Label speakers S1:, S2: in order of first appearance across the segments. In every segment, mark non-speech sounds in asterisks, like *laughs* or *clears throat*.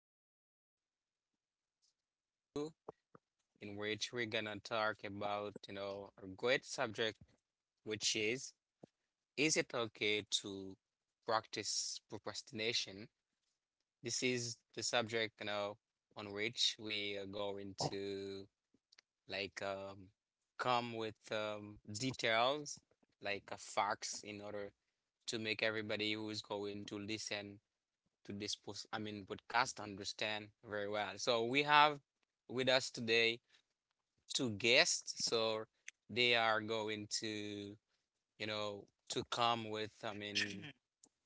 S1: come with another podcast for you, in which we're gonna talk about, a great subject, which is it okay to practice procrastination? This is the subject, on which we are going to like um, come with details, facts, in order to make everybody who is going to listen to this podcast understand very well. So we have with us today two guests. So they are going to, you know, to come with,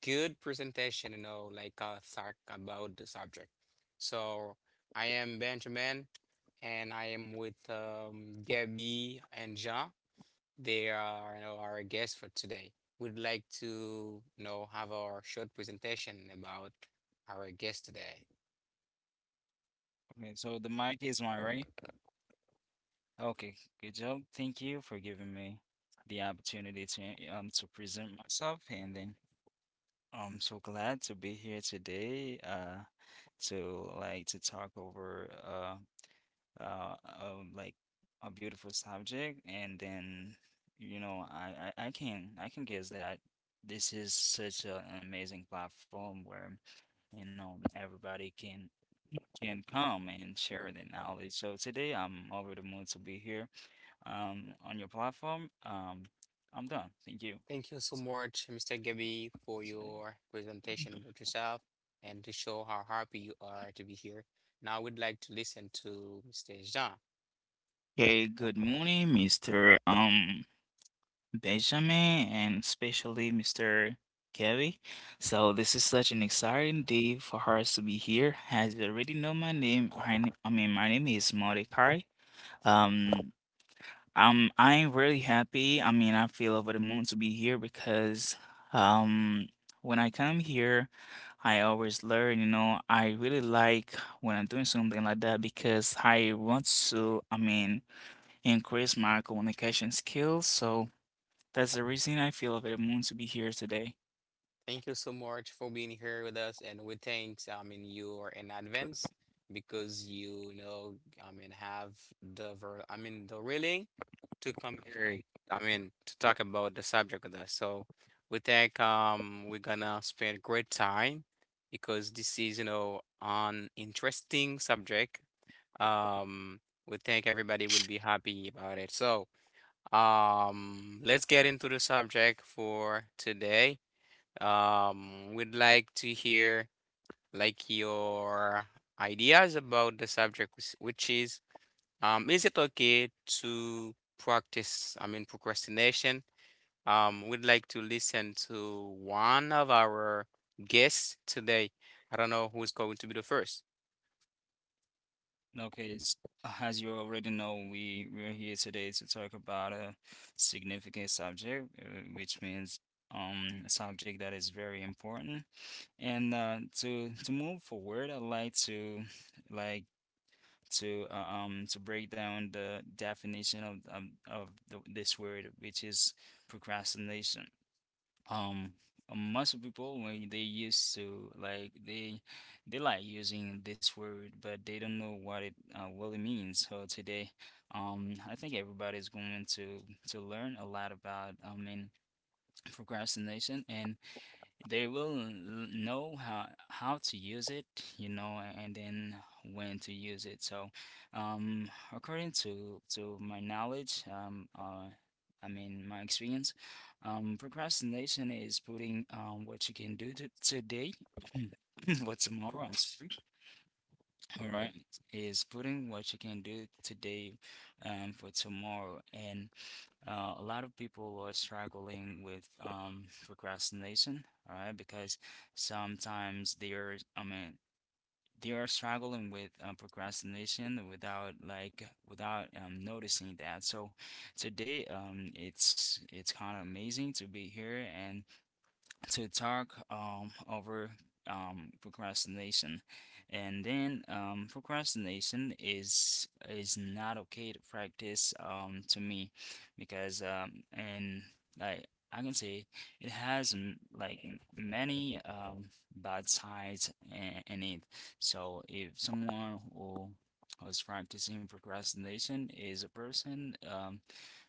S1: good presentation, talk about the subject. So I am Benjamin, and I am with Gabby and Jean. They are, our guests for today. We'd like to, have our short presentation about our guest today.
S2: Okay, so the mic is mine, right? Okay, good job. Thank you for giving me the opportunity to present myself, and then I'm so glad to be here today. To to talk over like a beautiful subject, and then you know I can guess that this is such an amazing platform where you know everybody can come and share their knowledge. So today I'm over the moon to be here on your platform. I'm done. Thank you.
S1: Thank you so much, Mr. Gabby, for
S2: Okay,
S1: your presentation about yourself and to show how happy you are to be here. Now we'd like to listen to Mr. Jean.
S3: Hey, good morning, Mr. Benjamin and especially Mr. Kelly. So this is such an exciting day for us to be here. As you already know my name, I, n- I mean my name is Mordecai. Um I'm really happy. I feel over the moon to be here because um when I come here I always learn, you know, I really like when I'm doing something like that because I want to increase my communication skills. So that's the reason I feel available to be here today.
S1: Thank you so much for being here with us, and we thank, you are in advance because you, have the really to come here, to talk about the subject with us. So we think we're gonna spend great time because this is, an interesting subject. Um, we think everybody will be happy about it. So let's get into the subject for today. We'd like to hear like your ideas about the subject, which is it okay to practice, procrastination? We'd like to listen to one of our guests today. I don't know who's going to be the first.
S2: Okay, it's, as you already know, we're here today to talk about a significant subject, which means a subject that is very important. And to move forward, I'd like to like to break down the definition of this word, which is procrastination. Um, Most of people when they used to they like using this word, but they don't know what it really means. So today, I think everybody's going to learn a lot about I mean procrastination, and they will l- know how to use it you know and then when to use it so um according to my knowledge I mean my experience, procrastination is putting what you can do to today *clears throat* what tomorrow, all right, is putting what you can do today for tomorrow, and a lot of people are struggling with procrastination, all right? Because sometimes they are, I mean, they are struggling with procrastination without without noticing that. So today, it's kind of amazing to be here and to talk over procrastination, and then procrastination is not okay to practice, to me, because and like I can say it has like many bad sides in it. So if someone who's practicing procrastination is a person,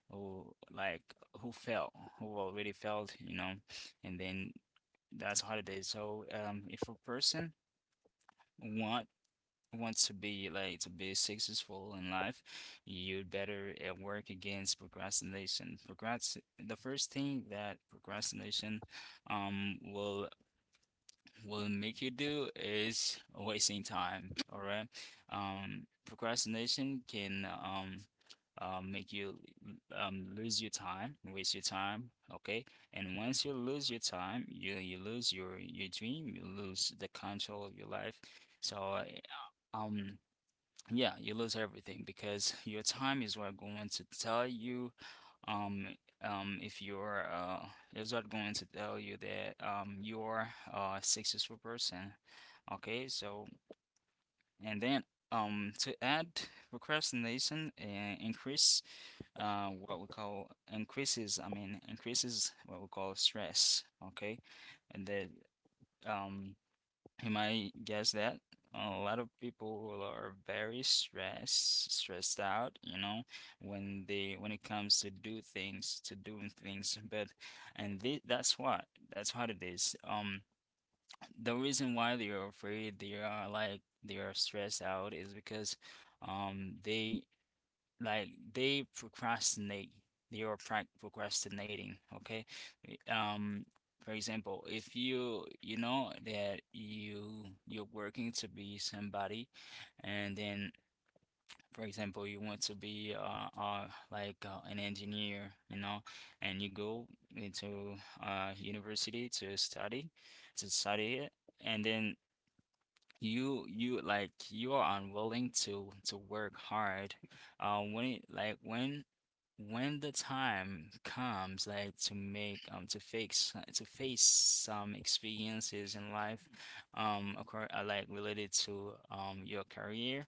S2: who like who fell who already failed you know and then that's holiday. So, if a person want wants to be to be successful in life, you'd better work against procrastination. Procrast The first thing that procrastination will make you do is wasting time, all right? Procrastination can make you lose your time, waste your time, okay? And once you lose your time, you lose your dream, you lose the control of your life. So um, yeah, you lose everything because your time is what going to tell you um if you're is what going to tell you that you're a successful person. Okay, so and then to add procrastination and increase what we call increases, I mean increases what we call stress, okay? And then um you might guess that a lot of people are very stressed, stressed out, you know, when they when it comes to do things, to doing things. But that's what it is. The reason why they are afraid, they are like they are stressed out, is because they like they procrastinate. They are procrastinating, okay? Um, for example, if you you know that you're working to be somebody, and then for example you want to be an engineer, you know, and you go into university to study it, and then you like you are unwilling to work hard uh when it like when when the time comes like to make to face some experiences in life occur, like related to your career,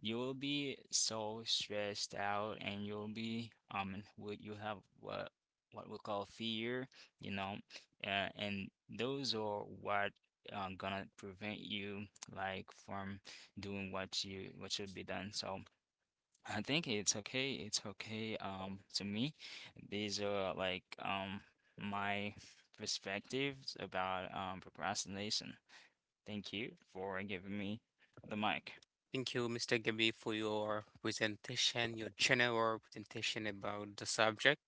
S2: you will be so stressed out and you'll be would you have what we call fear you know, and those are what gonna prevent you like from doing what you what should be done. So I think it's okay. It's okay. To me, these are like my perspectives about procrastination. Thank you for giving me the mic.
S1: Thank you, Mr. Gabi, for your presentation, your general presentation about the subject,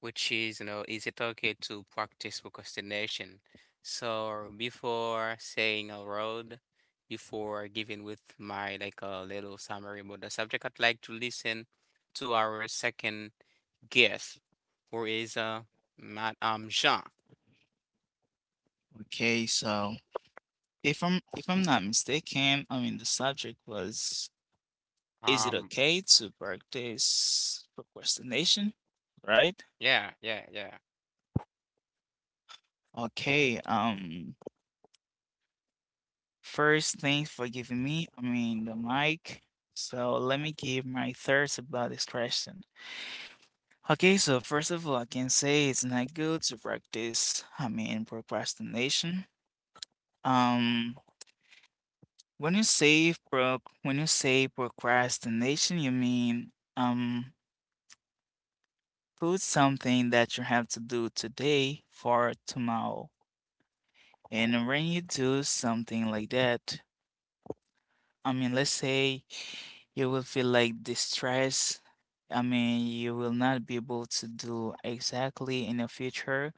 S1: which is, is it okay to practice procrastination? So before saying a word, before giving with my like a little summary about the subject, I'd like to listen to our second guest, who is Matt Jean.
S3: Okay, so if I'm not mistaken, the subject was is it
S1: Um
S3: okay to practice procrastination, right?
S1: yeah, yeah, yeah.
S3: Okay, first thanks for giving me, the mic. So let me give my thoughts about this question. Okay, so first of all, I can say it's not good to practice, procrastination. Um, when you say procrastination, you mean put something that you have to do today for tomorrow. And when you do something like that, let's say you will feel like distress. I mean, you will not be able to do exactly in the future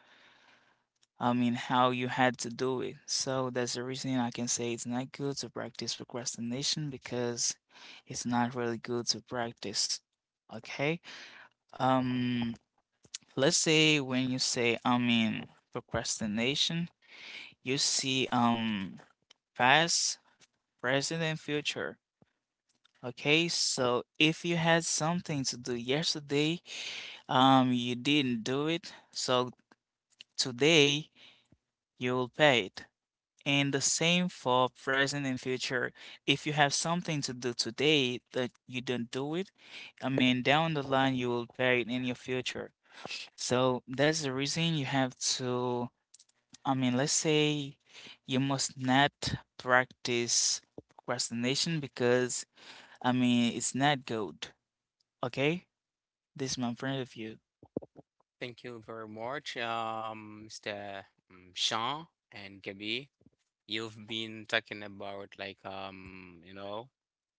S3: how you had to do it. So that's the reason I can say it's not good to practice procrastination because it's not really good to practice. Okay? Um, let's say when you say, procrastination, you see, past, present, and future. Okay, so if you had something to do yesterday, you didn't do it, so today you will pay it. And the same for present and future. If you have something to do today that you don't do it, I mean, down the line, you will pay it in your future. So that's the reason you have to, let's say you must not practice procrastination because, it's not good. Okay? This is my point of view.
S1: Thank you very much, Mr. Jean and Gabi. You've been talking about like um, you know,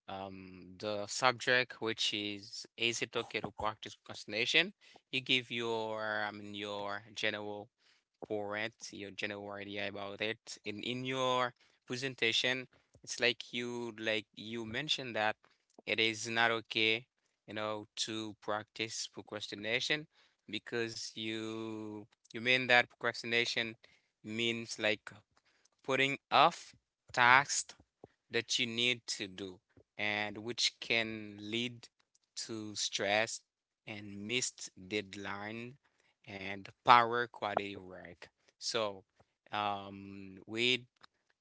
S1: um the subject which is it okay to practice procrastination? You give your, your general point, your general idea about it. In your presentation, it's like you you mentioned that it is not okay, to practice procrastination because you mean that procrastination means like putting off tasks that you need to do and which can lead to stress and missed deadline and power quality work. So we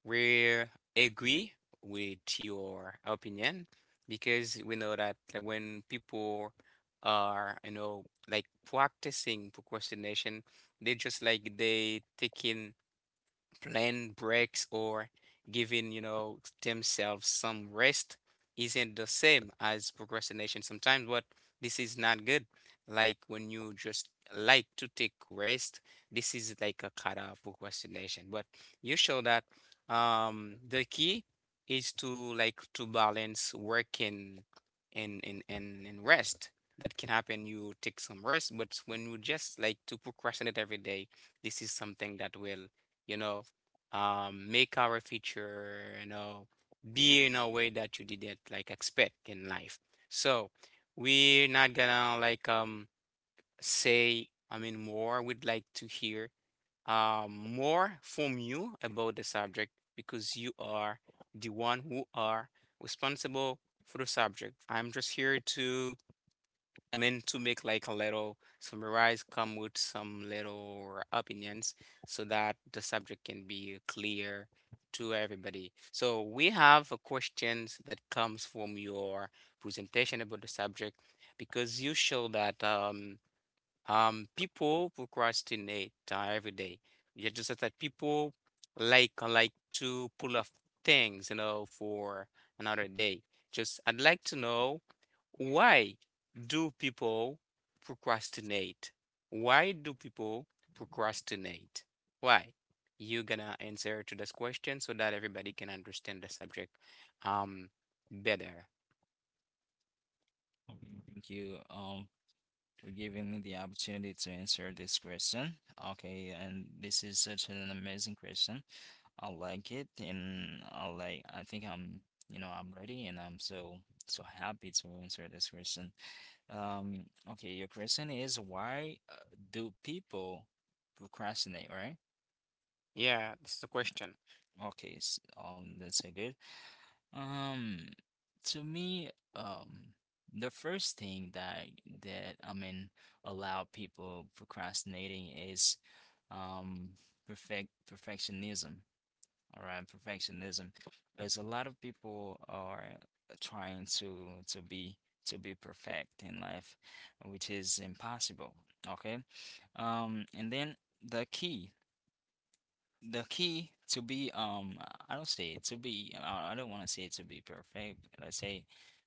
S1: we agree with your opinion because we know that, like, when people are, practicing procrastination, they just they taking plan breaks or giving, themselves some rest isn't the same as procrastination sometimes, but this is not good. Like when you just like to take rest, this is like a kind of procrastination. But you show that the key is to balance work and rest. That can happen. You take some rest, but when you just like to procrastinate every day, this is something that will, you know make our future, be in a way that you didn't like expect in life. So we're not gonna say, more. We'd like to hear more from you about the subject because you are the one who are responsible for the subject. I'm just here to, to make like a little summarize, come with some little opinions so that the subject can be clear to everybody. So we have a questions that comes from your presentation about the subject because you show that people procrastinate every day. You just said that people like to pull off things, you know, for another day. Just I'd like to know. Why do people procrastinate? Why do people procrastinate? Why? You're gonna answer to this question so that everybody can understand the subject um better.
S2: Thank you for giving me the opportunity to answer this question. Okay, and this is such an amazing question. I like it, and I like. I think you know, I'm ready, and I'm so so happy to answer this question. Um, okay, your question is why do people procrastinate, right?
S1: Yeah, this is the question.
S2: Okay, s that's a good. Um, to me, um, the first thing that I mean allow people procrastinating is, um, perfectionism. All right, perfectionism. There's a lot of people are trying to be to be perfect in life, which is impossible. Okay. And then the key, the key to be I don't say it to be I don't want to say to be perfect. Let's say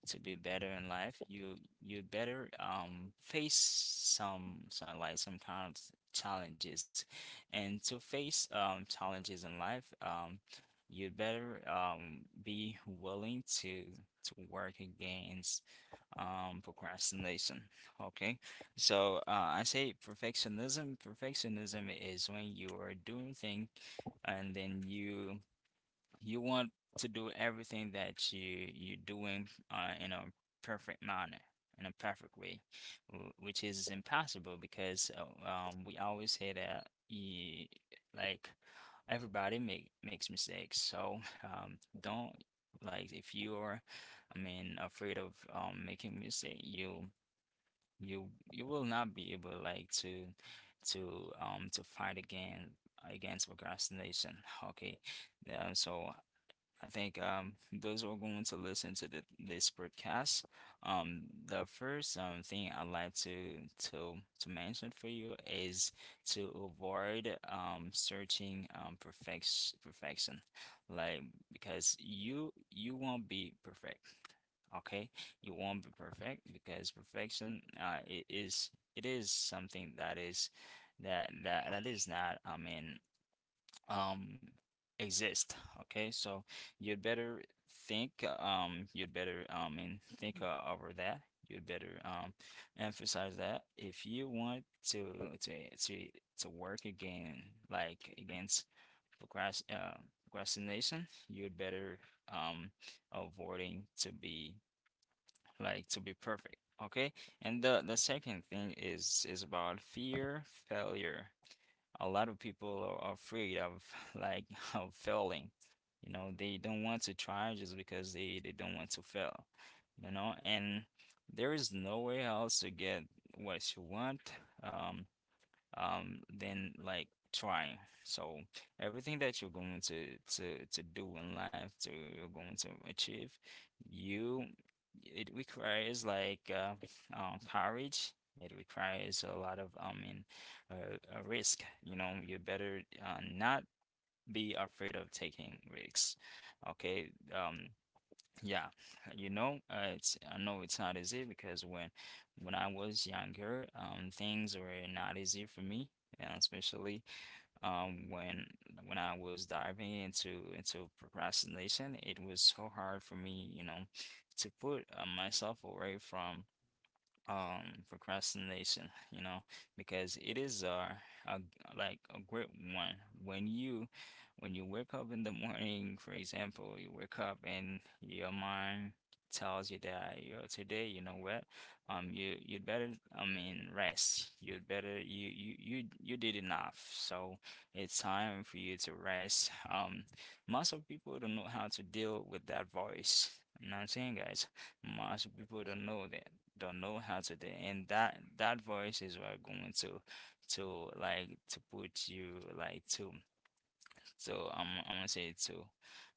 S2: to be better in life, you better face some kind of challenges, and to face challenges in life, you better be willing to work again procrastination. Okay, so I say perfectionism. Perfectionism is when you are doing things and then you want to do everything that you're doing in a perfect manner, in a perfect way, which is impossible because we always say that like everybody makes mistakes. So don't like if you're, I mean, afraid of making mistake, you you will not be able like to to fight again against procrastination. Okay. Yeah, so I think those who are going to listen to this podcast, the first thing I'd like to to mention for you is to avoid searching perfection, like because you won't be perfect, okay? You won't be perfect because perfection it is something that is that is not I mean um exist, okay? So you'd better think, you'd better and think over that, you'd better emphasize that if you want to to to to work again like against procrast uh, procrastination, you'd better um avoiding to be like to be perfect, okay? And the second thing is about fear failure. A lot of people are afraid of *laughs* like of failing. You know, they don't want to try just because they don't want to fail. You know, and there is no way else to get what you want. Um, than like trying. So everything that you're going to do in life, to you're going to achieve, you it requires like courage. It requires a lot of I mean a risk. You know, you better not be afraid of taking risks. Okay, yeah, you know, it's I know it's not easy because when I was younger, things were not easy for me, and especially um when when I was diving into procrastination, it was so hard for me, you know, to put myself away from procrastination, you know, because it is, a g- like a great one. When you when you wake up in the morning, for example, you wake up and your mind tells you that, you know, today you know what, you'd better I mean rest, you'd better you did enough, so it's time for you to rest. Most of people don't know how to deal with that voice. You know what I'm saying, guys? Most people don't know that, don't know how to do it. And that voice is what I'm going to put you like to so I am going to say to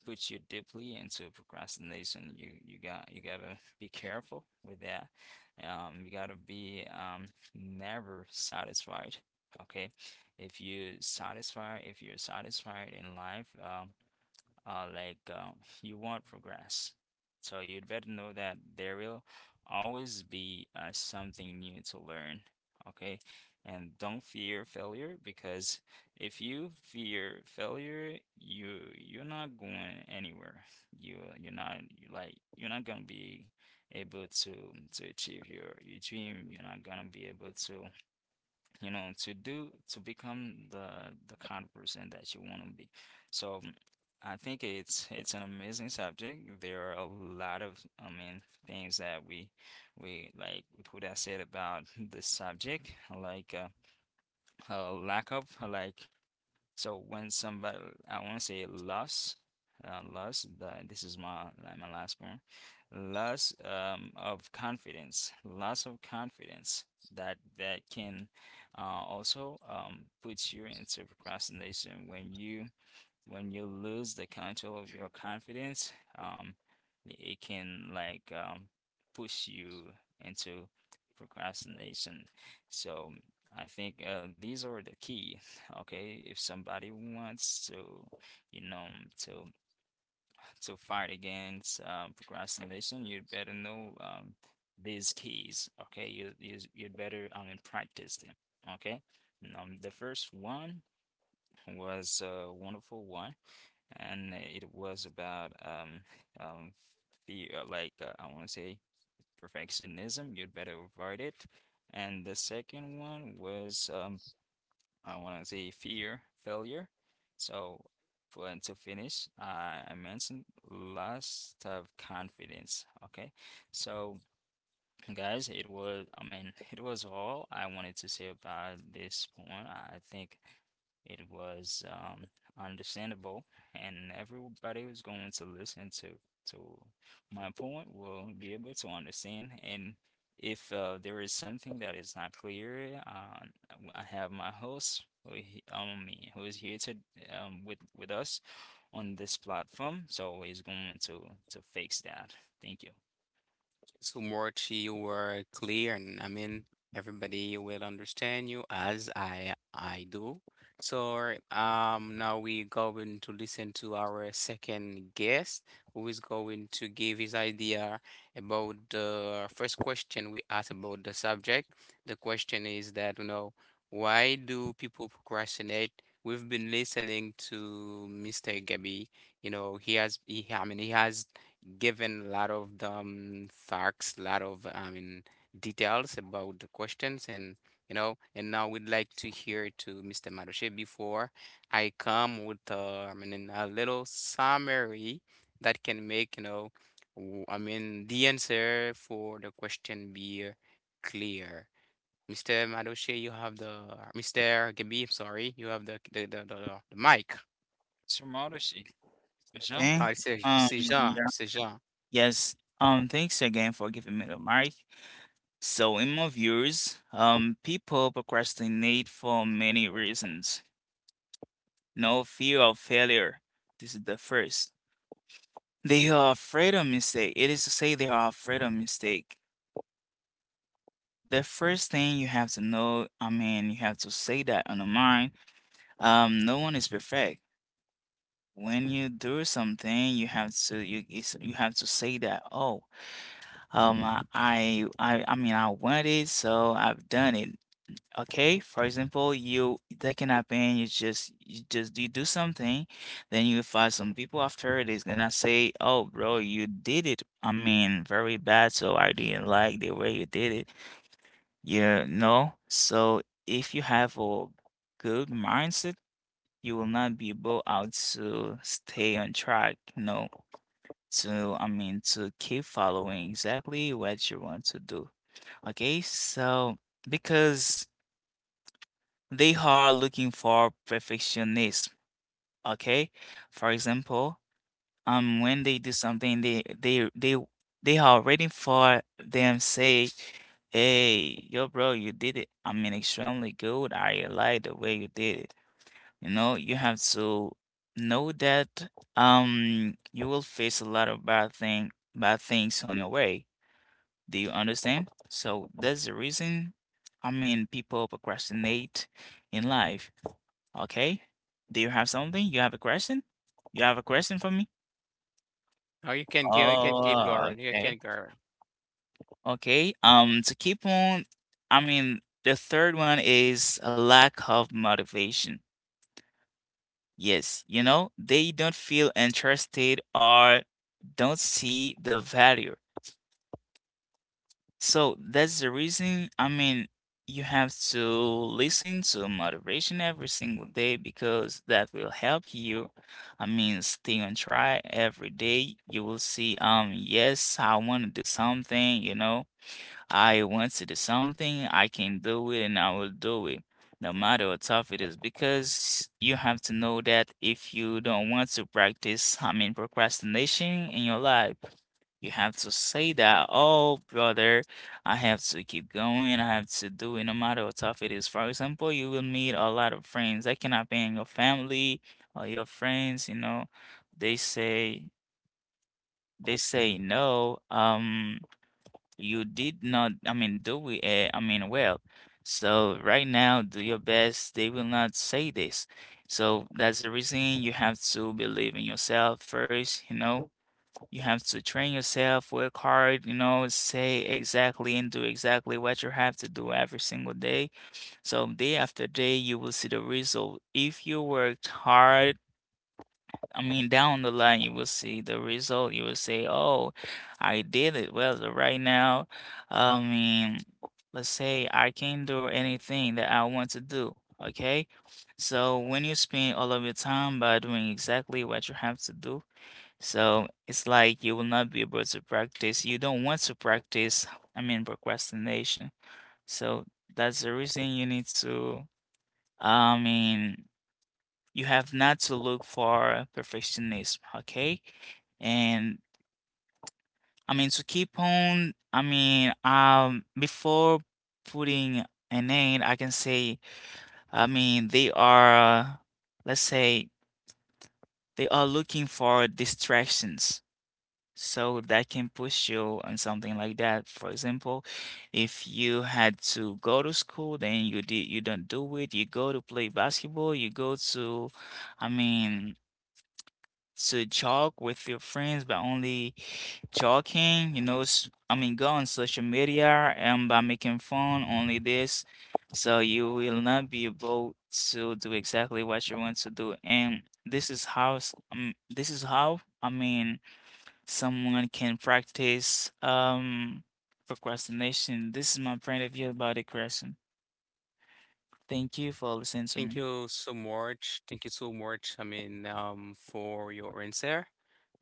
S2: put you deeply into procrastination. You gotta be careful with that. You gotta be never satisfied. Okay, if you satisfied, if you're satisfied in life, uh, like uh, you want progress. So you'd better know that there will always be something new to learn, okay? And don't fear failure, because if you fear failure, you're not going anywhere. You're like you're not gonna be able to achieve your dream. You're not gonna be able to, you know, to become the kind of person that you want to be. So I think it's an amazing subject. There are a lot of, I mean, things that we like put I said about this subject, like a lack of like so when somebody, I want to say loss, loss, this is my like my last point, loss of confidence, loss of confidence that can, also put you into procrastination. When you when you lose the control of your confidence, it can push you into procrastination. So I think these are the key. Okay, if somebody wants to, you know, to to fight against procrastination, you'd better know these keys. Okay, you'd better practice them. Okay, the first one was a wonderful one and it was about um the like I want to say perfectionism. You'd better avoid it. And the second one was I want to say fear failure. So for and to finish, I mentioned loss of confidence. Okay, so guys, it was, I mean, it was all I wanted to say about this point. I think it was understandable, and everybody who's going to listen to to my point will be able to understand. And if there is something that is not clear, I have my host, who is here to with us on this platform, so he's going to fix that. Thank you.
S1: So much, you were clear, and I mean, everybody will understand you as I do. So now we going to listen to our second guest, who is going to give his idea about the first question we asked about the subject. The question is that, you know, why do people procrastinate? We've been listening to Mr. Gabby. You know, he has he, I mean, he has given a lot of the facts, a lot of, details about the questions, and you know, and now we'd like to hear to Mr. Maroche before I come with a little summary that can make, you know, the answer for the question be clear. Mr. Maroche, you have the Mr. Gabi, I'm sorry, you have the mic.
S2: So Marushi, Michelle?
S3: Okay?
S1: Ah, c'est
S3: Um,
S1: c'est Jean,
S3: yeah.
S1: c'est Jean.
S3: Yes. Thanks again for giving me the mic. So, in my views, people procrastinate for many reasons. No fear of failure. This is the first. They are afraid of mistake. It is to say they are afraid of mistake. The first thing you have to know, you have to say that on the mind. No one is perfect. When you do something, you have to say that. Oh, I want it, so I've done it. Okay, for example, you that can happen. You just you just you do something, then you find some people after it is gonna say, "Oh, bro, you did it. I mean, very bad. So I didn't like the way you did it." You know. So if you have a good mindset, you will not be able out to stay on track. No, to I mean to keep following exactly what you want to do. Okay, so because. They are looking for perfectionism, okay? For example, when they do something, they are waiting for them say, "Hey, yo, bro, you did it. I mean, extremely good. I like the way you did it." You know, you have to know that you will face a lot of bad thing bad things on your way. Do you understand? So that's the reason. I mean, people procrastinate in life. Okay. Do you have something? You have a question? You have a question for me?
S1: Oh, you can go. You can keep
S3: Oh,
S1: going. You
S3: okay.
S1: can go.
S3: Okay. To keep on, the third one is a lack of motivation. Yes, you know, they don't feel interested or don't see the value. So that's the reason, you have to listen to motivation every single day because that will help you. I mean, stay on track every day. You will see, yes, I want to do something, you know. I once it is something, I can do it and I will do it, no matter how tough it is, because you have to know that if you don't want to practice, procrastination in your life, you have to say that, oh, brother, I have to keep going, I have to do it no matter how tough it is. For example, you will meet a lot of friends that can happen in your family or your friends, you know, they say, they say no, you did not, do it, well. So right now, do your best. They will not say this. So that's the reason you have to believe in yourself first, you know. You have to train yourself, work hard, you know, say exactly and do exactly what you have to do every single day. So day after day, you will see the result. If you worked hard, I mean, down the line, you will see the result. You will say, "Oh, I did it." Well, so right now, I mean, let's say I can do anything that I want to do. Okay, so when you spend all of your time by doing exactly what you have to do, so it's like you will not be able to practice. You don't want to practice. Procrastination. So that's the reason you need to. I mean. You have not to look for perfectionism, okay? And I mean to keep on, I mean, before putting an end, I can say, they are, let's say, they are looking for distractions. So that can push you on something like that. For example, if you had to go to school, then you don't do it. You go to play basketball, you go to, I mean, to talk with your friends by only talking, you know, go on social media and by making fun only this. So you will not be able to do exactly what you want to do. And this is how, this is how, someone can practice, procrastination. This is my point of view about the question. Thank you for listening to
S1: Thank
S3: me.
S1: you so much. Thank you so much. For your answer.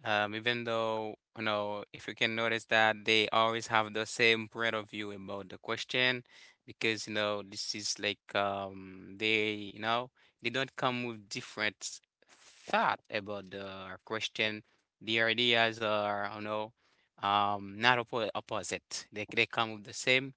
S1: Even though, you know, if you can notice that they always have the same point of view about the question, because, you know, this is like they, you know, they don't come with different thought about the question. The ideas are, you know, not opposite. They come with the same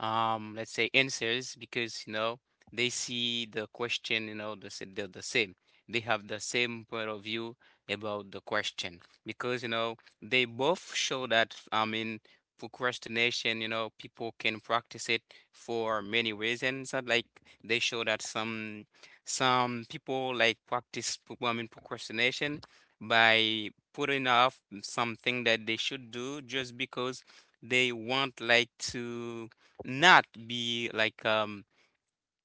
S1: let's say answers because, you know, they see the question, you know, the same. They have the same point of view about the question because you know they both show that, procrastination, you know, people can practice it for many reasons. Like they show that some people like practice procrastination by putting off something that they should do just because they want like to not be like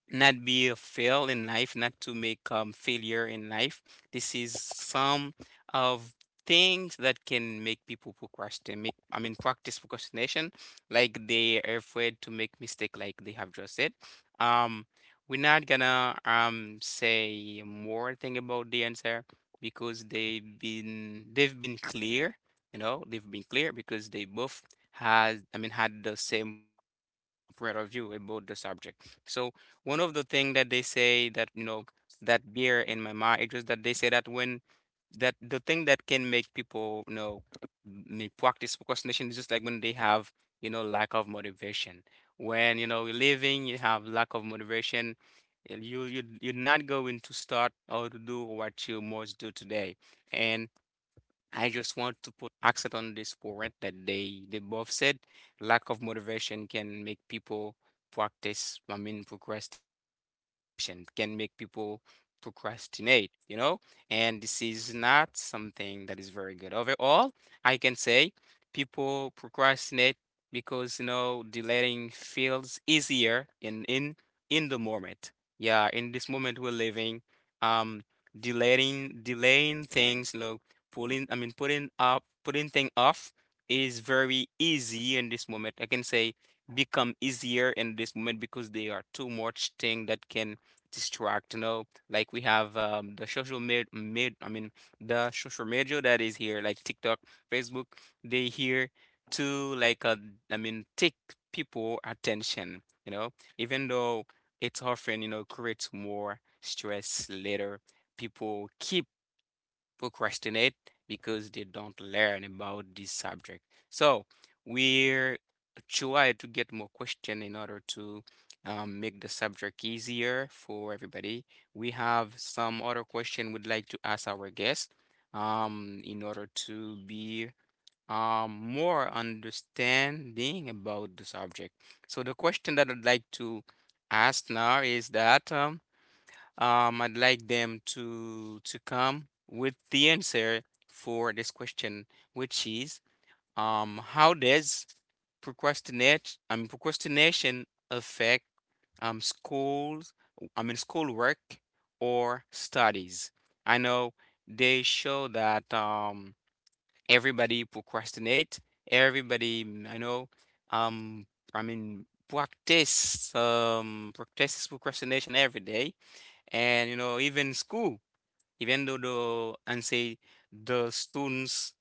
S1: not be a fail in life, not to make failure in life. This is some of things that can make people procrastinate. Make, practice procrastination, like they are afraid to make mistake, like they have just said. Um, we're not gonna say more thing about the answer because they've been clear. You know, they've been clear because they both has, had the same point of view about the subject. So one of the thing that they say that, you know, that beer in my mind it's just that they say that when that the thing that can make people, practice procrastination is just like when they have, you know, lack of motivation. When, you know, you're living you have lack of motivation, you're not going to start or to do what you must do today, and I just want to put accent on this point that they both said lack of motivation can make people practice, procrastination, can make people procrastinate, you know? And this is not something that is very good. Overall, I can say people procrastinate because, you know, delaying feels easier in the moment. Yeah, in this moment we're living, um delaying delaying things, you know, pulling, putting up putting thing off is very easy in this moment. I can say become easier in this moment because there are too much thing that can distract, you know. Like we have the social med, med I mean the social media that is here, like TikTok, Facebook, they here to like, take people attention, you know, even though it's often, you know, creates more stress later people keep procrastinate because they don't learn about this subject. So we try to get more question in order to make the subject easier for everybody. We have some other question we'd like to ask our guest in order to be more understanding about the subject. So the question that I'd like to ask now is that I'd like them to come with the answer for this question, which is how does procrastinate I mean procrastination affect schools, schoolwork or studies? I know they show that everybody procrastinate, everybody I know um practice practices procrastination every day, and you know, even school, even though the students,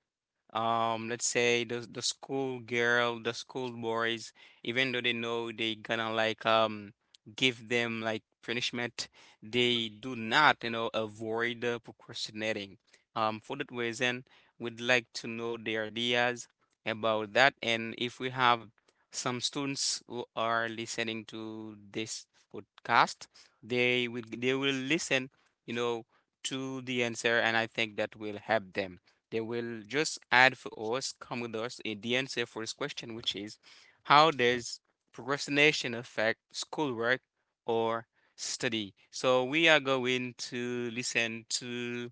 S1: let's say the school girl, the school boys, even though they know they gonna like give them like punishment, they do not, you know, avoid procrastinating. For that reason we'd like to know their ideas about that, and if we have some students who are listening to this podcast, they will listen, you know, to the answer, and I think that will help them. They will just add for us, come with us in the answer for this question, which is how does procrastination affect schoolwork or study? So we are going to listen to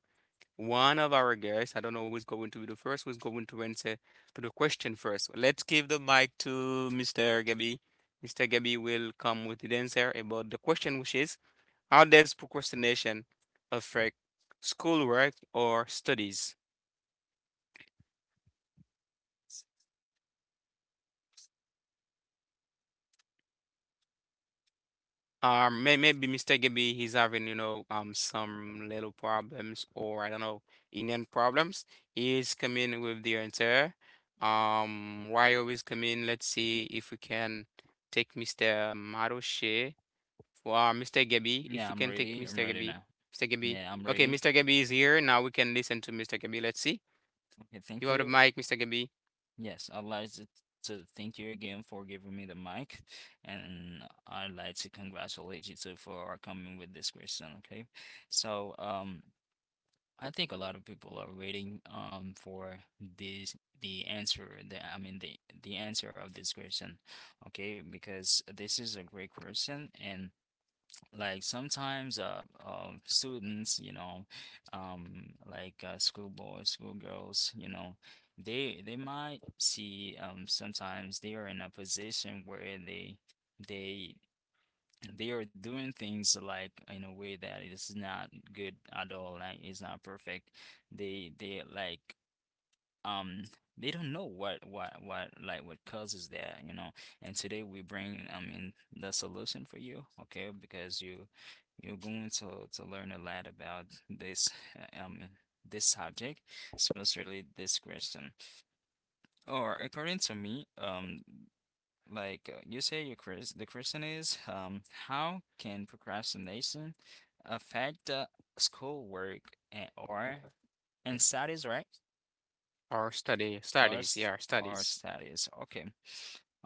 S1: one of our guests. I don't know who's going to be the first, who's going to answer to the question first. Let's give the mic to Mr. Gabby. Mr. Gabby will come with the answer about the question, which is how does procrastination affect schoolwork or studies? Maybe Mr. Gibby, he's having, some little problems, or I don't know, Indian problems. He's coming with the answer. Wario is coming. Let's see if we can take Mr. Maroche for Mr. Gibby. If
S2: Yeah,
S1: we
S2: I'm
S1: can take
S2: ready. I'm
S1: Mr.
S2: ready
S1: Gibby,
S2: now.
S1: Mr. Gibby.
S2: Yeah, I'm
S1: Okay,
S2: ready.
S1: Mr. Gibby is here. Now we can listen to Mr. Gibby. Let's see.
S2: Okay,
S1: You
S2: thank
S1: have the
S2: you.
S1: mic, Mr. Gibby,
S2: Yes, I'd like to thank you again for giving me the mic, and I'd like to congratulate you too for coming with this question. Okay, so I think a lot of people are waiting for this the answer the I mean the answer of this question, okay? Because this is a great question and like sometimes students, you know, like schoolboys, schoolgirls, you know, they might see sometimes they are in a position where they they are doing things like in a way that is not good at all, like it's not perfect. They like um they don't know what causes that, you know. And today we bring, I mean, the solution for you, okay? Because you you're going to learn a lot about this uh, um this subject, especially this question. Or according to me, you say, your Chris, the question is, how can procrastination affect schoolwork and, or and studies, right?
S1: or study
S2: Or
S1: studies. Yeah, studies.
S2: studies. Okay,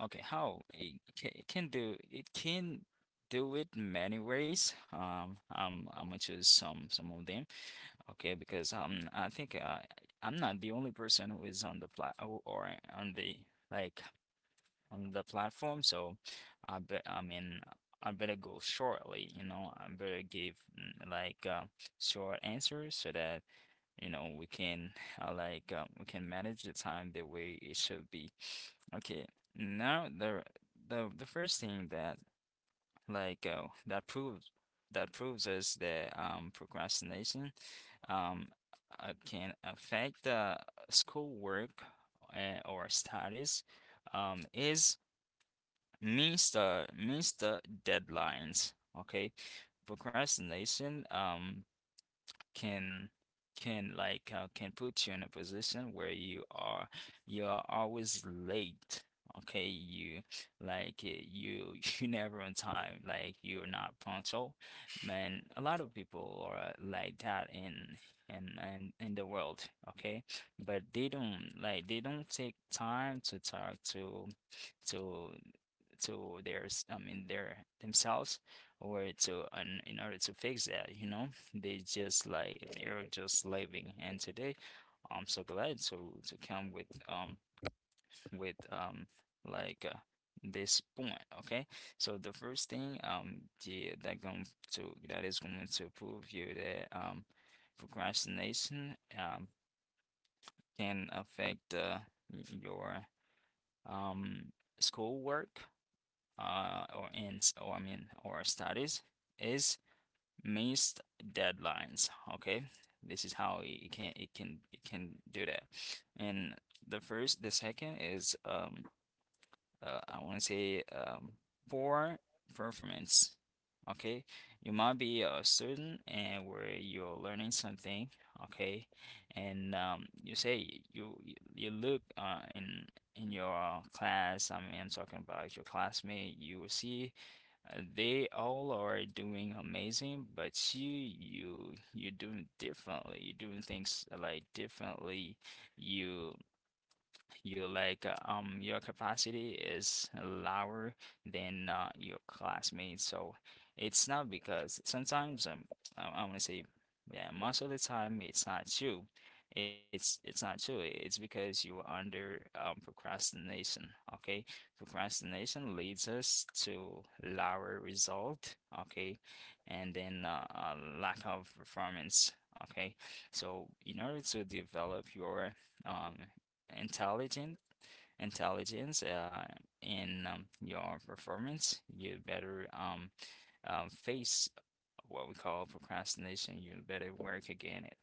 S2: okay. It can do, it can do it many ways. I'm I'm gonna choose some of them. Okay, because I think I'm not the only person who is on the flat or on the like on the platform, so I bet, I mean, I better go shortly, you know, I better give short answers so that you know we can we can manage the time the way it should be. Okay, now the the first thing that like uh, that proves that proves us that procrastination um can affect the schoolwork or studies is means the deadlines. Okay. Procrastination can can put you in a position where you are, you're always late. Okay, you you *laughs* you never on time. Like, you're not punctual. Man, a lot of people are like that in in the world. Okay, but they don't like they don't take time to talk to to to their s- I mean their themselves or to an in order to fix that, you know? They just like they're just living. And today, I'm so glad to come with with um like uh, this point. Okay, so the first thing, yeah, that going to that is going to prove you that procrastination can affect your um schoolwork or in or I mean or studies is missed deadlines, okay. This is how it can, it can do that. And the second is I want to say poor performance. Okay, you might be a student and where you're learning something. Okay, and you say you, you look in your class. I mean, I'm talking about your classmate. You will see they all are doing amazing, but you're doing differently. You're doing things like differently. You, your capacity is lower than your classmates. So it's not because sometimes I, want to say yeah, most of the time it's not true. It's not true. It's because you are under procrastination. Okay, procrastination leads us to lower result. Okay, and then a lack of performance. Okay, so in order to develop your um intelligent intelligence in, your performance, you better, face what we call procrastination. You better work again it.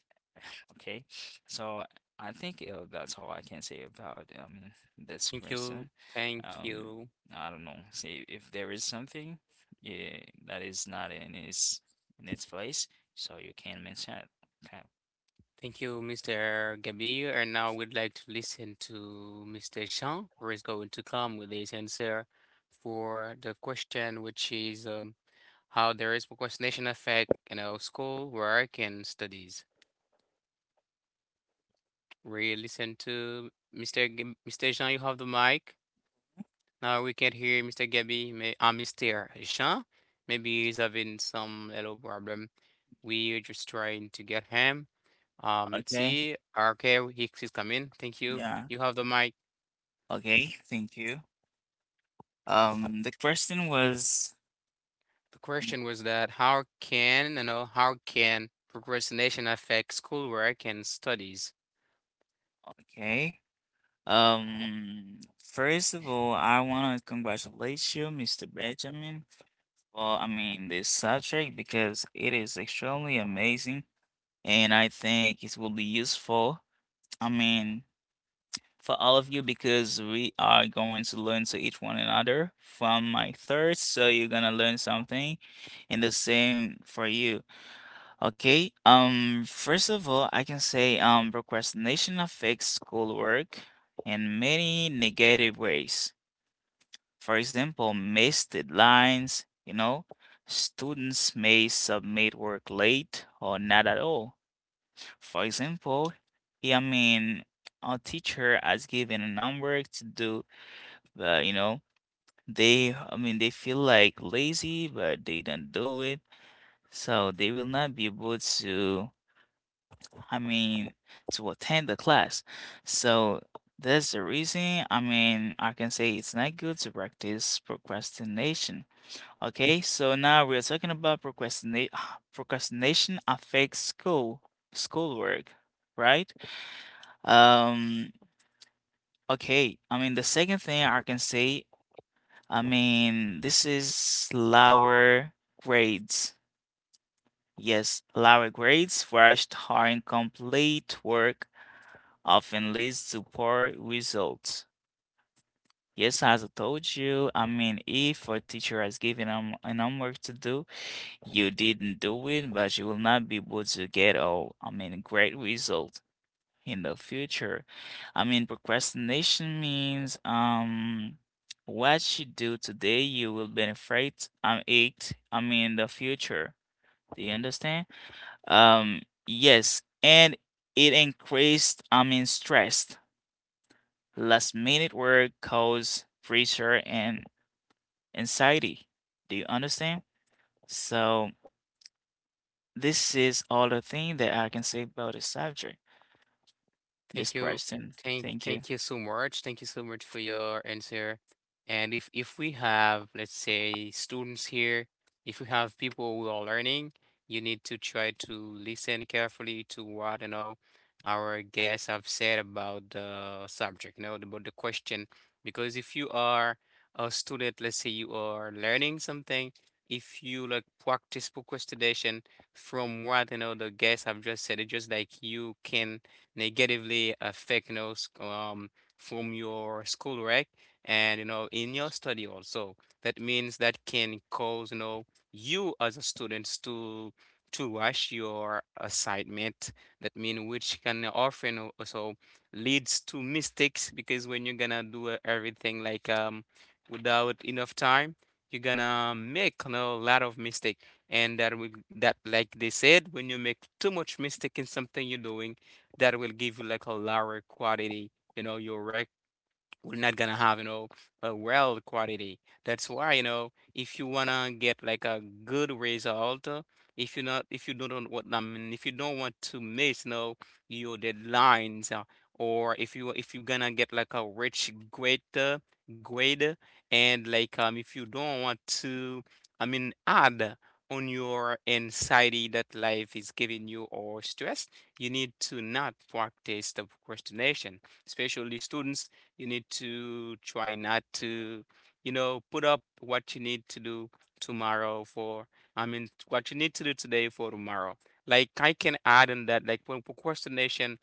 S2: Okay, so I think that's all I can say about this
S1: Thank you.
S2: question.
S1: Thank
S2: Um,
S1: you.
S2: I don't know. See if there is something, yeah, that is not in its place, so you can mention it. Okay.
S1: Thank you, Mr. Gabir. And now we'd like to listen to Mr. Jean, who is going to come with his answer for the question, which is how there is procrastination affect, you know, school, work, and studies. We listen to Mr. Jean. You have the mic. Now we can hear Mr. Gabi. Mr. Jean. Maybe he's having some little problem. We're just trying to get him. Let's
S3: Okay.
S1: see. Okay, he's come in. Thank you.
S3: Yeah.
S1: You have the mic.
S3: Okay. Thank you. The question was.
S1: The question was that how can you know how can procrastination affect schoolwork and studies?
S3: Okay. First of all, I want to congratulate you, Mr. Benjamin, for, this subject because it is extremely amazing and I think it will be useful, I mean, for all of you because we are going to learn to each one another from my third, so you're gonna learn something and the same for you. Okay. First of all, I can say procrastination affects schoolwork in many negative ways. For example, missed deadlines, you know, students may submit work late or not at all. For example, I mean, a teacher has given a number to do, but you know, they, they feel like lazy, but they don't do it. So they will not be able to. I mean, to attend the class. So that's the reason. I mean, I can say it's not good to practice procrastination. Okay, so now we're talking about procrastinate *sighs* procrastination affects schoolwork, right? Um, okay. I mean, the second thing I can say, I mean, this is lower grades. Yes, lower grades for our incomplete work often leads to poor results. Yes, as I told you, I mean, if a teacher has given an homework to do, you didn't do it, but you will not be able to get a, great result in the future. I mean, procrastination means what you do today, you will benefit it, in the future. Do you understand? Yes, and it increased, stress. Last minute work causes pressure and anxiety. Do you understand? So this is all the thing that I can say about the subject, this
S1: Thank you.
S3: question.
S1: Thank
S3: Thank you.
S1: thank you so much. Thank you so much for your answer. And if we have, let's say, students here, if we have people who are learning, you need to try to listen carefully to what, you know, our guests have said about the subject, you know, about the question. Because if you are a student, let's say you are learning something, if you like practice procrastination from what, you know, the guests have just said, it's just like you can negatively affect, you know, from your schoolwork and, you know, in your study also. That means that can cause, you know, you as a students to rush your assignment. That mean which can often also leads to mistakes because when you're gonna do everything without enough time, you're gonna make, you know, a lot of mistake. And that will that like they said, when you make too much mistake in something you're doing, that will give you like a lower quality, you know, your record we're not gonna have, you know, a well quality. That's why, you know, if you wanna get like a good result, if you not if you don't what I mean if you don't want to miss, you know, your deadlines, or if you if you're gonna get like a rich great, grade, and if you don't want to I mean add on your anxiety that life is giving you, or stress, you need to not practice the procrastination, especially students. You need to try not to, you know, put up what you need to do tomorrow for, I mean, what you need to do today for tomorrow. Like I can add on that, like when procrastination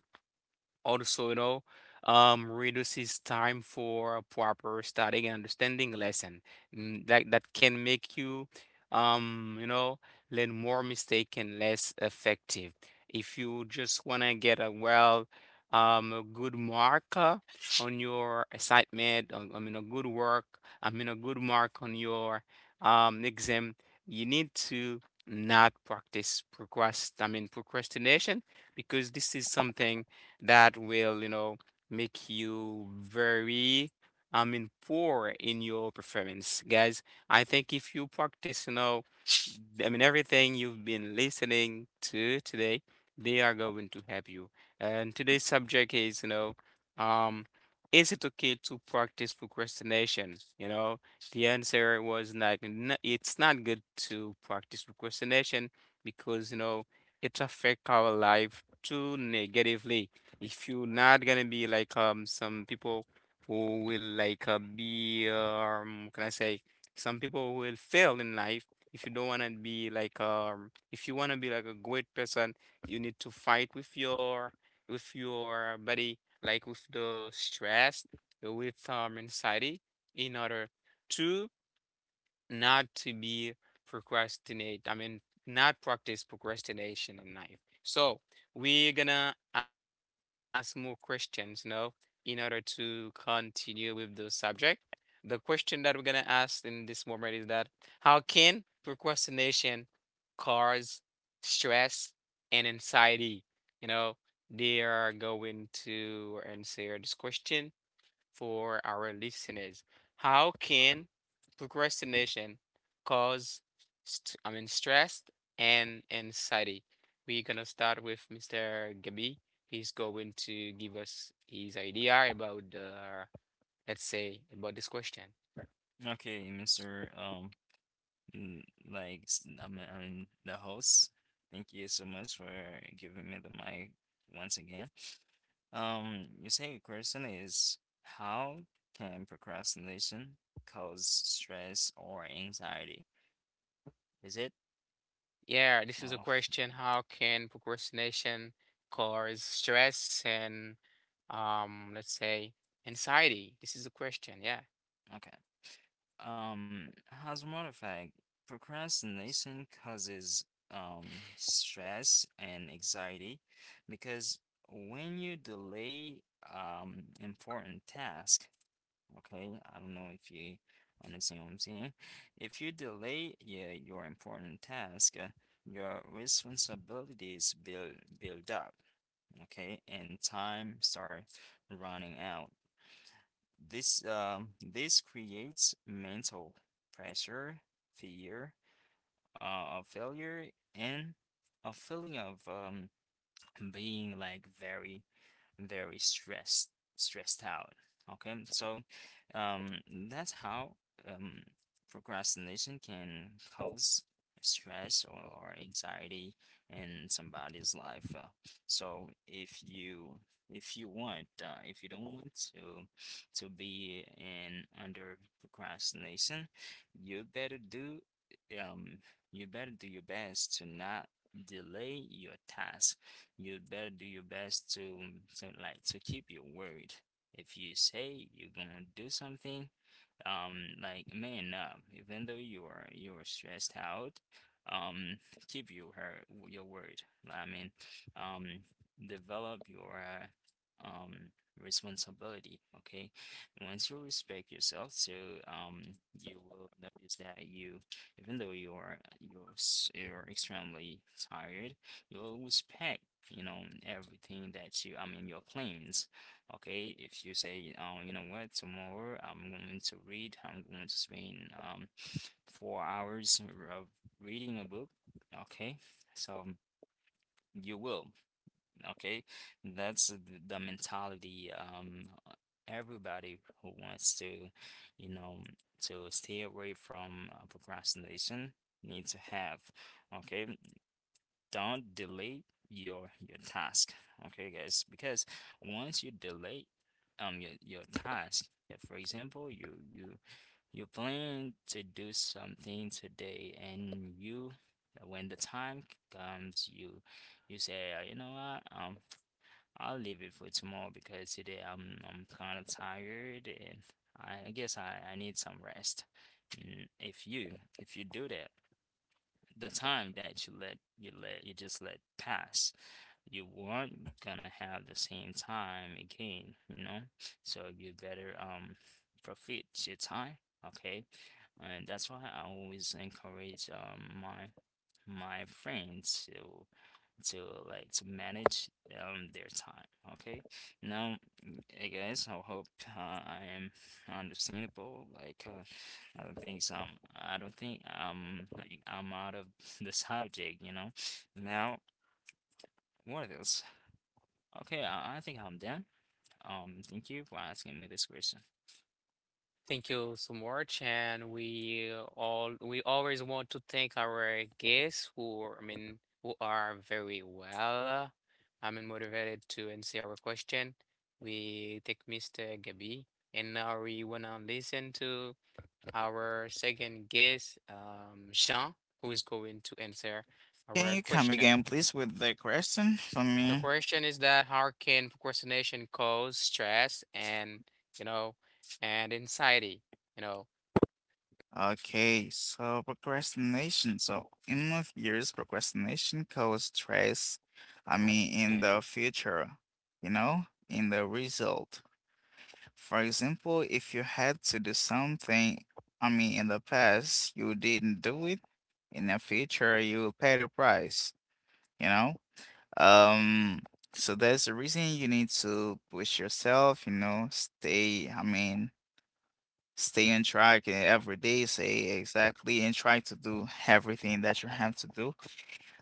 S1: also, you know, reduces time for proper studying and understanding lesson. That that can make you, you know, learn more mistake and less effective. If you just wanna get a well, a good mark on your assignment, on- I mean, a good work, I mean, a good mark on your exam, you need to not practice I mean, procrastination, because this is something that will, you know, make you very, I mean, poor in your performance. Guys, I think if you practice, you know, I mean, everything you've been listening to today, they are going to help you. And today's subject is, you know, um, is it okay to practice procrastination? You know, the answer was like, it's not good to practice procrastination because, you know, it affects our life too negatively. If you're not gonna be like some people who will like be can I say some people who will fail in life, if you don't wanna be like if you wanna be like a great person, you need to fight with your body, like with the stress, with anxiety, in order to not to be procrastinate. I mean, not practice procrastination in life. So we're gonna ask more questions, you know, in order to continue with the subject. The question that we're gonna ask in this moment is that how can procrastination cause stress and anxiety? You know, they are going to answer this question for our listeners. How can procrastination cause, I mean, stress and anxiety? We're gonna start with Mr. Gabi. He's going to give us his idea about the, let's say, about this question.
S2: Okay, Mr. N- I'm the host. Thank you so much for giving me the mic once again. Your second question is how can procrastination cause stress or anxiety? Is it?
S1: Yeah, this is a
S2: Oh,
S1: question. How can procrastination cause stress and, let's say, anxiety? This is a question. Yeah.
S2: okay. Um, as a matter of fact, procrastination causes stress and anxiety because when you delay important task. Okay, I don't know if you understand what I'm saying. If you delay, yeah, your important task, your responsibilities build up, okay, and time start running out. This creates mental pressure, fear, of failure, and a feeling of being like very very stressed stressed out. Okay, so um, that's how, um, procrastination can cause stress or, anxiety in somebody's life. So if you, if you want, if you don't want to be in under procrastination, you better do um you better do your best to not delay your task. You'd better do your best to like to keep your word. If you say you're gonna do something, like man up even though you are stressed out, um keep your word. Like, I mean, um develop your responsibility. Okay, once you respect yourself, so um you will notice that you, even though you're you're extremely tired, you'll respect, you know, everything that you, I mean, your plans. Okay, if you say, oh, you know what, tomorrow I'm going to read, I'm going to spend 4 hours of reading a book, okay, so you will, okay, that's the mentality, everybody who wants to, you know, to stay away from procrastination need to have. Okay, don't delay your task, okay, guys, because once you delay your task. Uh, for example, you plan to do something today and you, when the time comes, you say, you know what, I'll leave it for tomorrow because today I'm kind of tired and I guess I need some rest." Mm, if you, if you do that, the time that you just let pass, you weren't gonna have the same time again, you know. So you better profit your time. Okay, and that's why I always encourage my my friends to to manage their time. Okay, now, mm, hey guys, I hope I am understandable. Like, I don't think some, I don't think I'm out of *laughs* the subject. You know, now what else? Okay, I think I'm done. Thank you for asking me this question.
S1: Thank you so much, and we always want to thank our guests who, I mean, who are very well. I mean, motivated to answer our question. We take Mr. Gabi, and now we wanna listen to our second guest, Jean, who is going to answer
S3: Can
S1: our
S3: you come
S1: question.
S3: again, please, with the question for
S1: The
S3: me?
S1: question is that how can procrastination cause stress and you know and anxiety, you know?
S3: Okay, so procrastination. So in my years, procrastination causes stress. I mean, in the future, you know, in the result. For example, if you had to do something, I mean, in the past, you didn't do it. In the future, you will pay the price, you know? Um, so that's the reason you need to push yourself, you know, stay, stay on track and every day say exactly and try to do everything that you have to do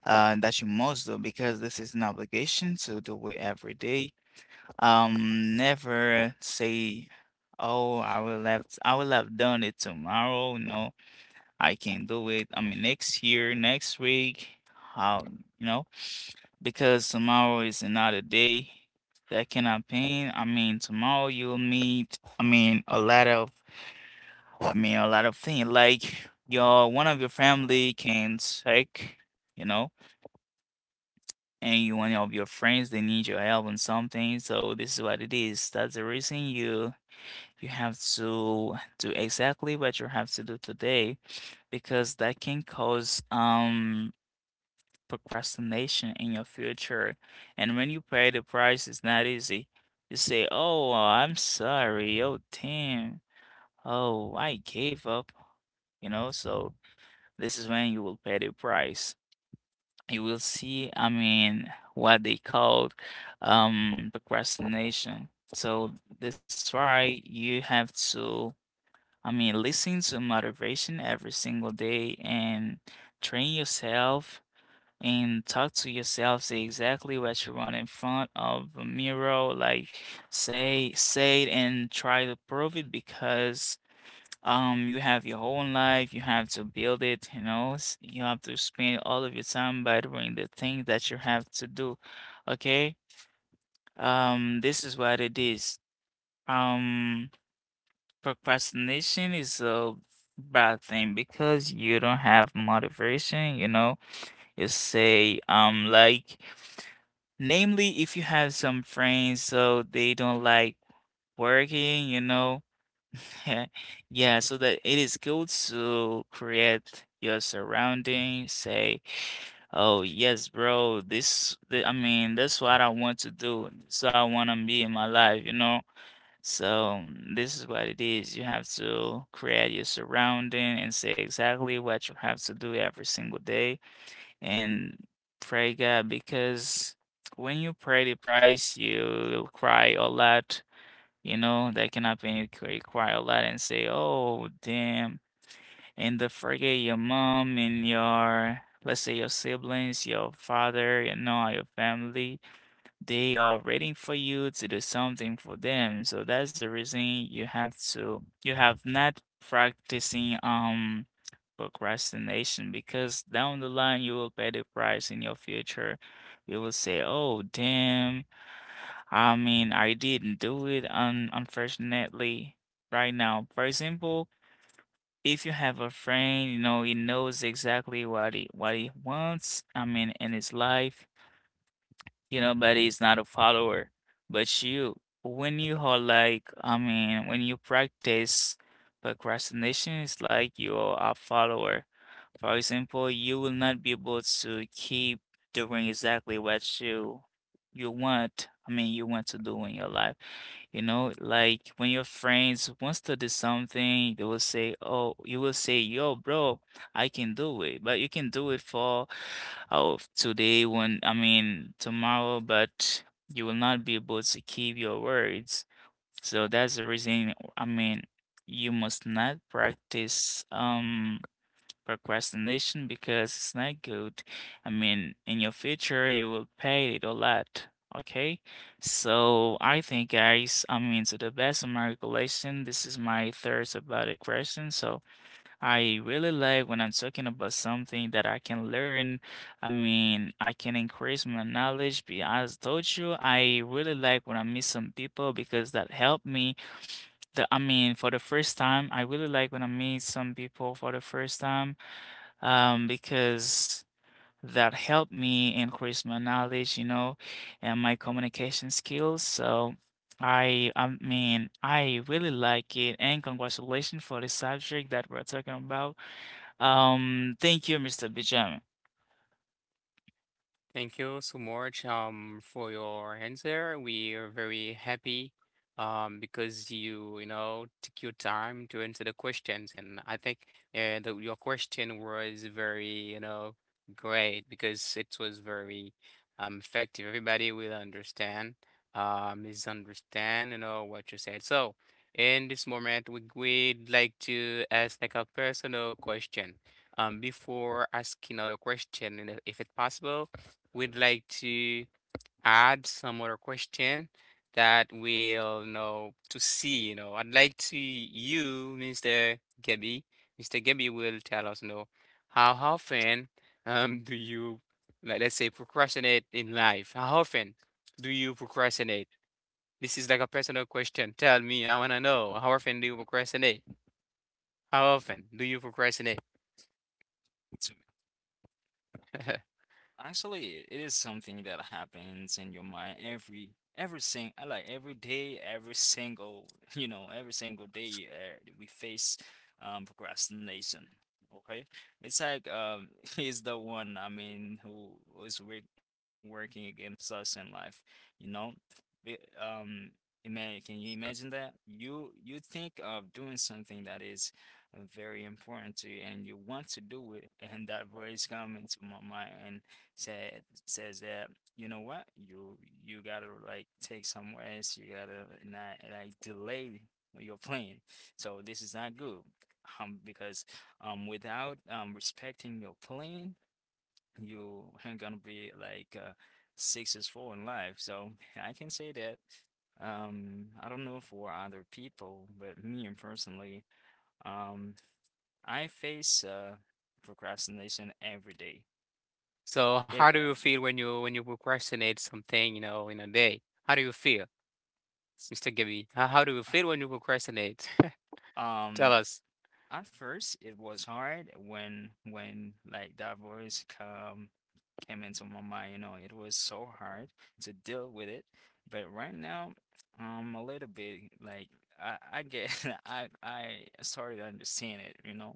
S3: and that you must do because this is an obligation to do it every day. Never say, oh, I will have done it tomorrow. No, I can do it, next year, next week. How, you know, because tomorrow is another day. That can happen, I mean, tomorrow you'll meet, a lot of a lot of things like your one of your family can sick, you know, and you one of your friends they need your help on something. So this is what it is. That's the reason you have to do exactly what you have to do today because that can cause procrastination in your future. And when you pay the price, it's not easy. You say, "Oh, I'm sorry. Oh, damn. Oh, I gave up." You know, so. This is when you will pay the price. You will see, I mean, what they called procrastination. So that's why you have to, I mean, listen to motivation every single day and train yourself and talk to yourself, say exactly what you want in front of a mirror, like say it and try to prove it because you have your whole life, you have to build it, you have to spend all of your time by doing the thing that you have to do. Okay? This is what it is. Um, Procrastination is a bad thing because you don't have motivation, you know. You say, like, namely, if you have some friends, so they don't like working, you know. *laughs* Yeah, so that it is good to create your surrounding. Say, oh yes, bro, this, th I mean, that's what I want to do. So I want to be in my life, you know? So mm, this is what it is. You have to create your surrounding and say exactly what you have to do every single day and pray God because when you pray the price, you cry a lot, you know, that can happen. It could require a lot and say, oh, damn. And the forget your mom and your, let's say, your siblings, your father, you know, your family, they are waiting for you to do something for them. So that's the reason you have to, you have not practicing, procrastination because down the line you will pay the price in your future. You will say, oh, damn. I mean, I didn't do it, un unfortunately, right now. For example, if you have a friend, you know, he knows exactly what he wants, I mean, in his life, you know, but it's not a follower. But you, when you are like, I mean, when you practice procrastination, it's like you are a follower. For example, you will not be able to keep doing exactly what you want. I mean, you want to do in your life. You know, like when your friends wants to do something, they will say, "Oh," you will say, "Yo, bro. I can do it, but you can do it for oh today when I mean tomorrow," but you will not be able to keep your words. So that's the reason I mean you must not practice procrastination because it's not good. I mean in your future you will pay it a lot. Okay, so I think guys, I mean to the best of my recollection, this is my third about a question. So I really like when I'm talking about something that I can learn. I mean, I can increase my knowledge. Be as told you, I really like when I meet some people because that helped me. The, I mean, for the first time, I really like when I meet some people for the first time, because that helped me increase my knowledge, you know, and my communication skills. So. I mean I really like it and congratulations for the subject that we're talking about. Thank you, Mr. Benjamin.
S1: Thank you so much for your answer. We are very happy because you know took your time to answer the questions, and I think your question was very, you know, great because it was very effective. Everybody will understand, misunderstand, you know what you said. So in this moment, we we'd like to ask like a personal question. Before asking other question, and if it's possible we'd like to add some other question that we'll know to see, you know. I'd like to you, Mr. Gabby. Mr. Gabby will tell us, you know, how often do you like let's say procrastinate in life? How often do you procrastinate? This is like a personal question. Tell me, I wanna know. How often do you procrastinate? How often do you procrastinate?
S2: It's,
S1: *laughs*
S2: actually, it is something that happens in your mind every sing I like every day, every single, *laughs* you know, every single day we face procrastination. Okay, it's like *laughs* he's the one, I mean, who is work working against us in life, you know. Be- Um, can you imagine that? You think of doing something that is very important to you and you want to do it, and that voice come into my mind and said says that, you know what, you gotta like take some rest, you gotta not like delay your plan. So this is not good, because without respecting your plan, you ain't gonna be like successful in life. So I can say that I don't know for other people, but me and personally, um I face procrastination every day.
S1: So
S2: Yeah,
S1: how do you feel when you procrastinate something, you know, in a day? How do you feel? Mr. Gabby, how do you
S2: um,
S1: feel when you procrastinate? *laughs* Tell
S2: Um,
S1: us.
S2: at first it was hard when that voice come came into my mind. You know, it was so hard to deal with it, but right now, a little bit like I get, *laughs* I started to understand it. You know,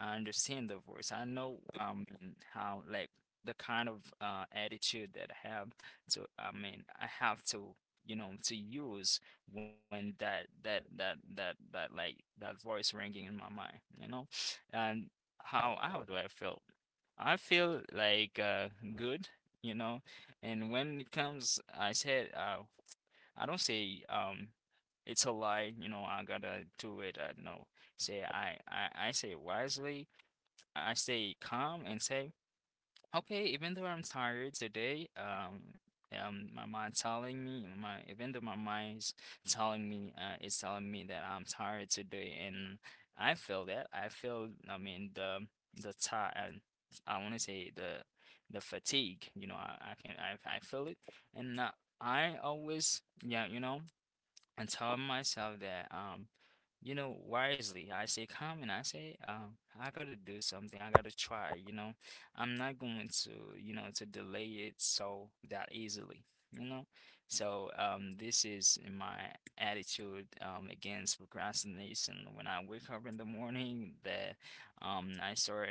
S2: I understand the voice. I know how like the kind of attitude that I have to. I mean, I have to, you know, to use when that voice ringing in my mind. You know, and how do I feel? I feel like good, you know. And when it comes, I said, I don't say it's a lie, you know, I gotta do it. I no say I, I say wisely, I stay calm and say, okay, even though I'm tired today, my mind telling me, my, even though my mind's telling me, it's telling me that I'm tired today, and I feel that. I feel, I mean, the tired. I want to say the, fatigue. You know, I can I feel it, and I always, yeah, you know, and tell myself that you know, wisely, I say come and I say, I gotta do something, I gotta try, you know, I'm not going to, you know, to delay it so that easily, you know. So this is my attitude against procrastination. When I wake up in the morning, that I start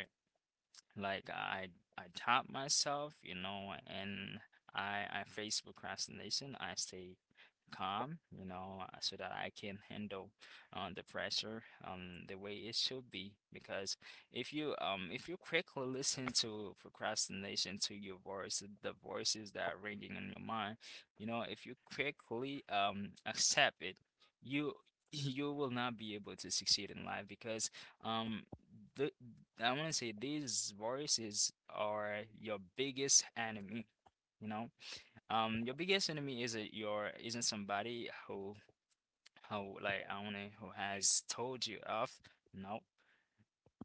S2: like, I taught myself, you know, and I face procrastination. I stay calm, you know, so that I can handle the pressure the way it should be. Because if you, if you quickly listen to procrastination, to your voice, the voices that are ringing in your mind, you know, if you quickly accept it, you *laughs* you will not be able to succeed in life because um the I want to say these voices are your biggest enemy, you know? Your biggest enemy is not your isn't somebody who like I wanna who has told you off. No,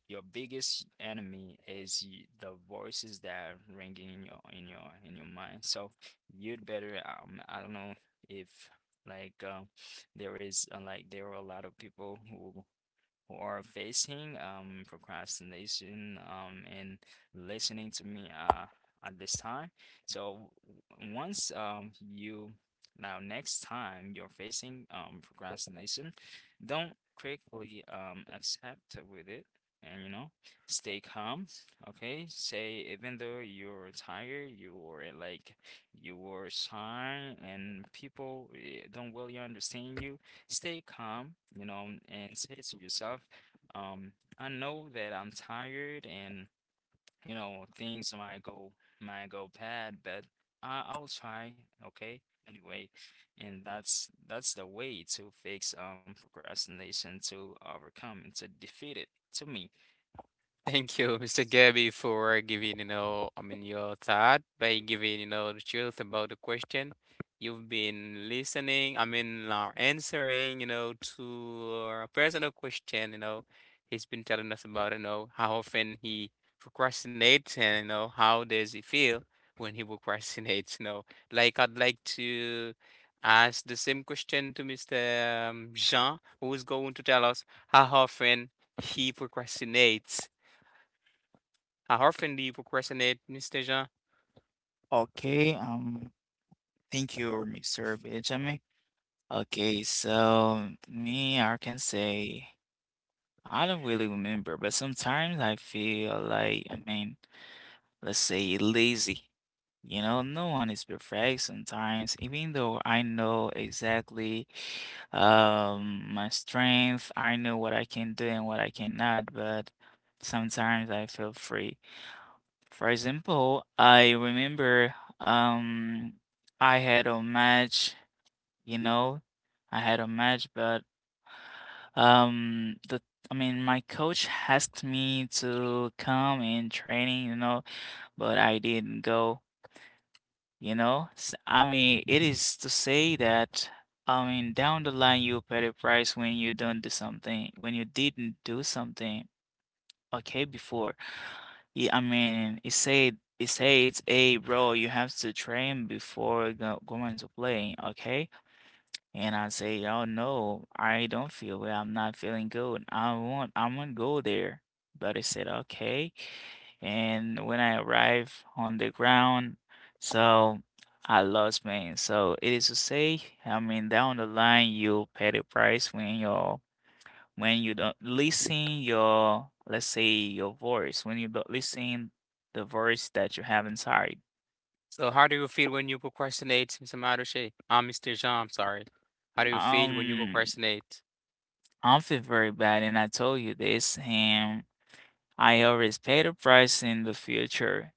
S2: your biggest enemy is the voices that are ringing in your, in your mind. So you'd better, I don't know if like um there is, there are a lot of people who, are facing procrastination and listening to me at this time. So once you, now next time you're facing procrastination, don't quickly accept with it, and, you know, stay calm, okay? Say even though you're tired, you were shy and people, don't really understand you. Stay calm, you know, and say to yourself, um, I know that I'm tired and, you know, things might go, bad, but I will try, okay? Anyway, and that's, the way to fix procrastination, to overcome and to defeat it, to me.
S1: Thank you, Mr. Gabby, for giving, you know, I mean, your thought by giving, you know, the truth about the question. You've been listening, I mean, answering, you know, to our personal question, you know, he's been telling us about, you know, how often he procrastinates and, you know, how does he feel when he procrastinates, you know. Like, I'd like to ask the same question to Mr. Jean, who's going to tell us how often he procrastinates how often do you procrastinate, Mr. Jean?
S3: Okay, thank you, Mr. Benjamin. Okay, so me, I can say I don't really remember, but sometimes I feel like, I mean, let's say lazy. You know, no one is perfect sometimes, even though I know exactly my strength, I know what I can do and what I cannot, but sometimes I feel free. For example, I remember um I had a match, you know, I had a match, but the I mean my coach asked me to come in training, you know, but I didn't go, you know. S I mean, it is to say that I mean down the line you pay the price when you don't do something, when you didn't do something okay before. Yeah, I mean, it said it says, "Hey, bro, you have to train before go going to play, okay?" And I say, "Oh no, I don't feel well. I'm not feeling good. I won't go there." But it said, "Okay." And when I arrive on the ground, so I lost pain. So it is to say, I mean, down the line, you'll pay the price when your when you don't listen your, let's say, your voice, when you don't listen the voice that you have inside.
S1: So, how do you feel when you procrastinate, Mr. Marucci? Mr. Jean, I'm sorry. How do you feel when you
S3: um
S1: procrastinate?
S3: I feel very bad and I told you this, and I always pay the price in the future.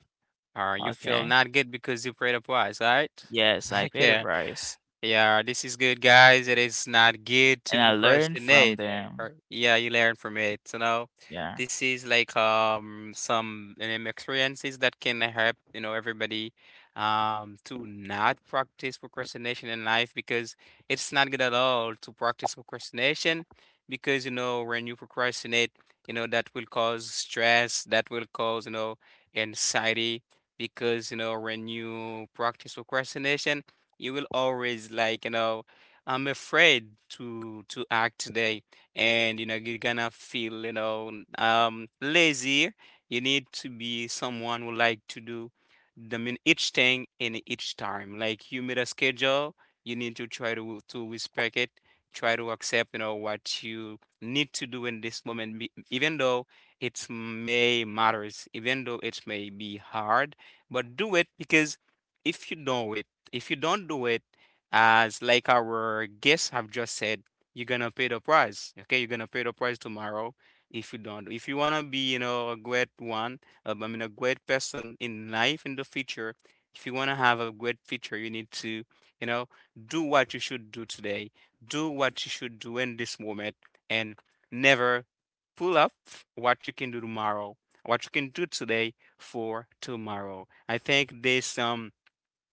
S1: You feel
S3: Okay,
S1: not good because you prayed up wise, right?
S3: yes, I
S1: *laughs*
S3: pay the
S1: Okay.
S3: price,
S1: Yeah, this is good, guys. It is not good to
S3: and I learn from
S1: procrastinate.
S3: them.
S1: Or, yeah, you learn from it. You know,
S3: Yeah.
S1: this is like some experiences that can help you know everybody to not practice procrastination in life, because it's not good at all to practice procrastination, because you know when you procrastinate, you know that will cause stress, that will cause you know anxiety, because you know when you practice procrastination you will always like you know I'm afraid to act today, and you know you're gonna feel you know lazy. You need to be someone who like to do the min each thing in each time, like you made a schedule you need to try to respect it. Try to accept you know what you need to do in this moment, even though it may matters, even though it may be hard, but do it because if you know it, if you don't do it, as like our guests have just said, you're gonna pay the price. Okay, you're gonna pay the price tomorrow if you don't. If you wanna be, you know, a great one, I mean, a great person in life in the future. If you wanna have a great future, you need to, you know, do what you should do today. Do what you should do in this moment, and never pull up what you can do tomorrow. What you can do today for tomorrow. I think this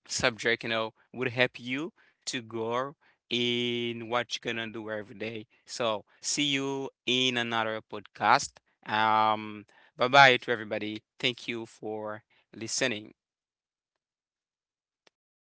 S1: subject, you know, would help you to grow in what you're gonna do every day. So see you in another podcast. Um, bye bye to everybody. Thank you for listening.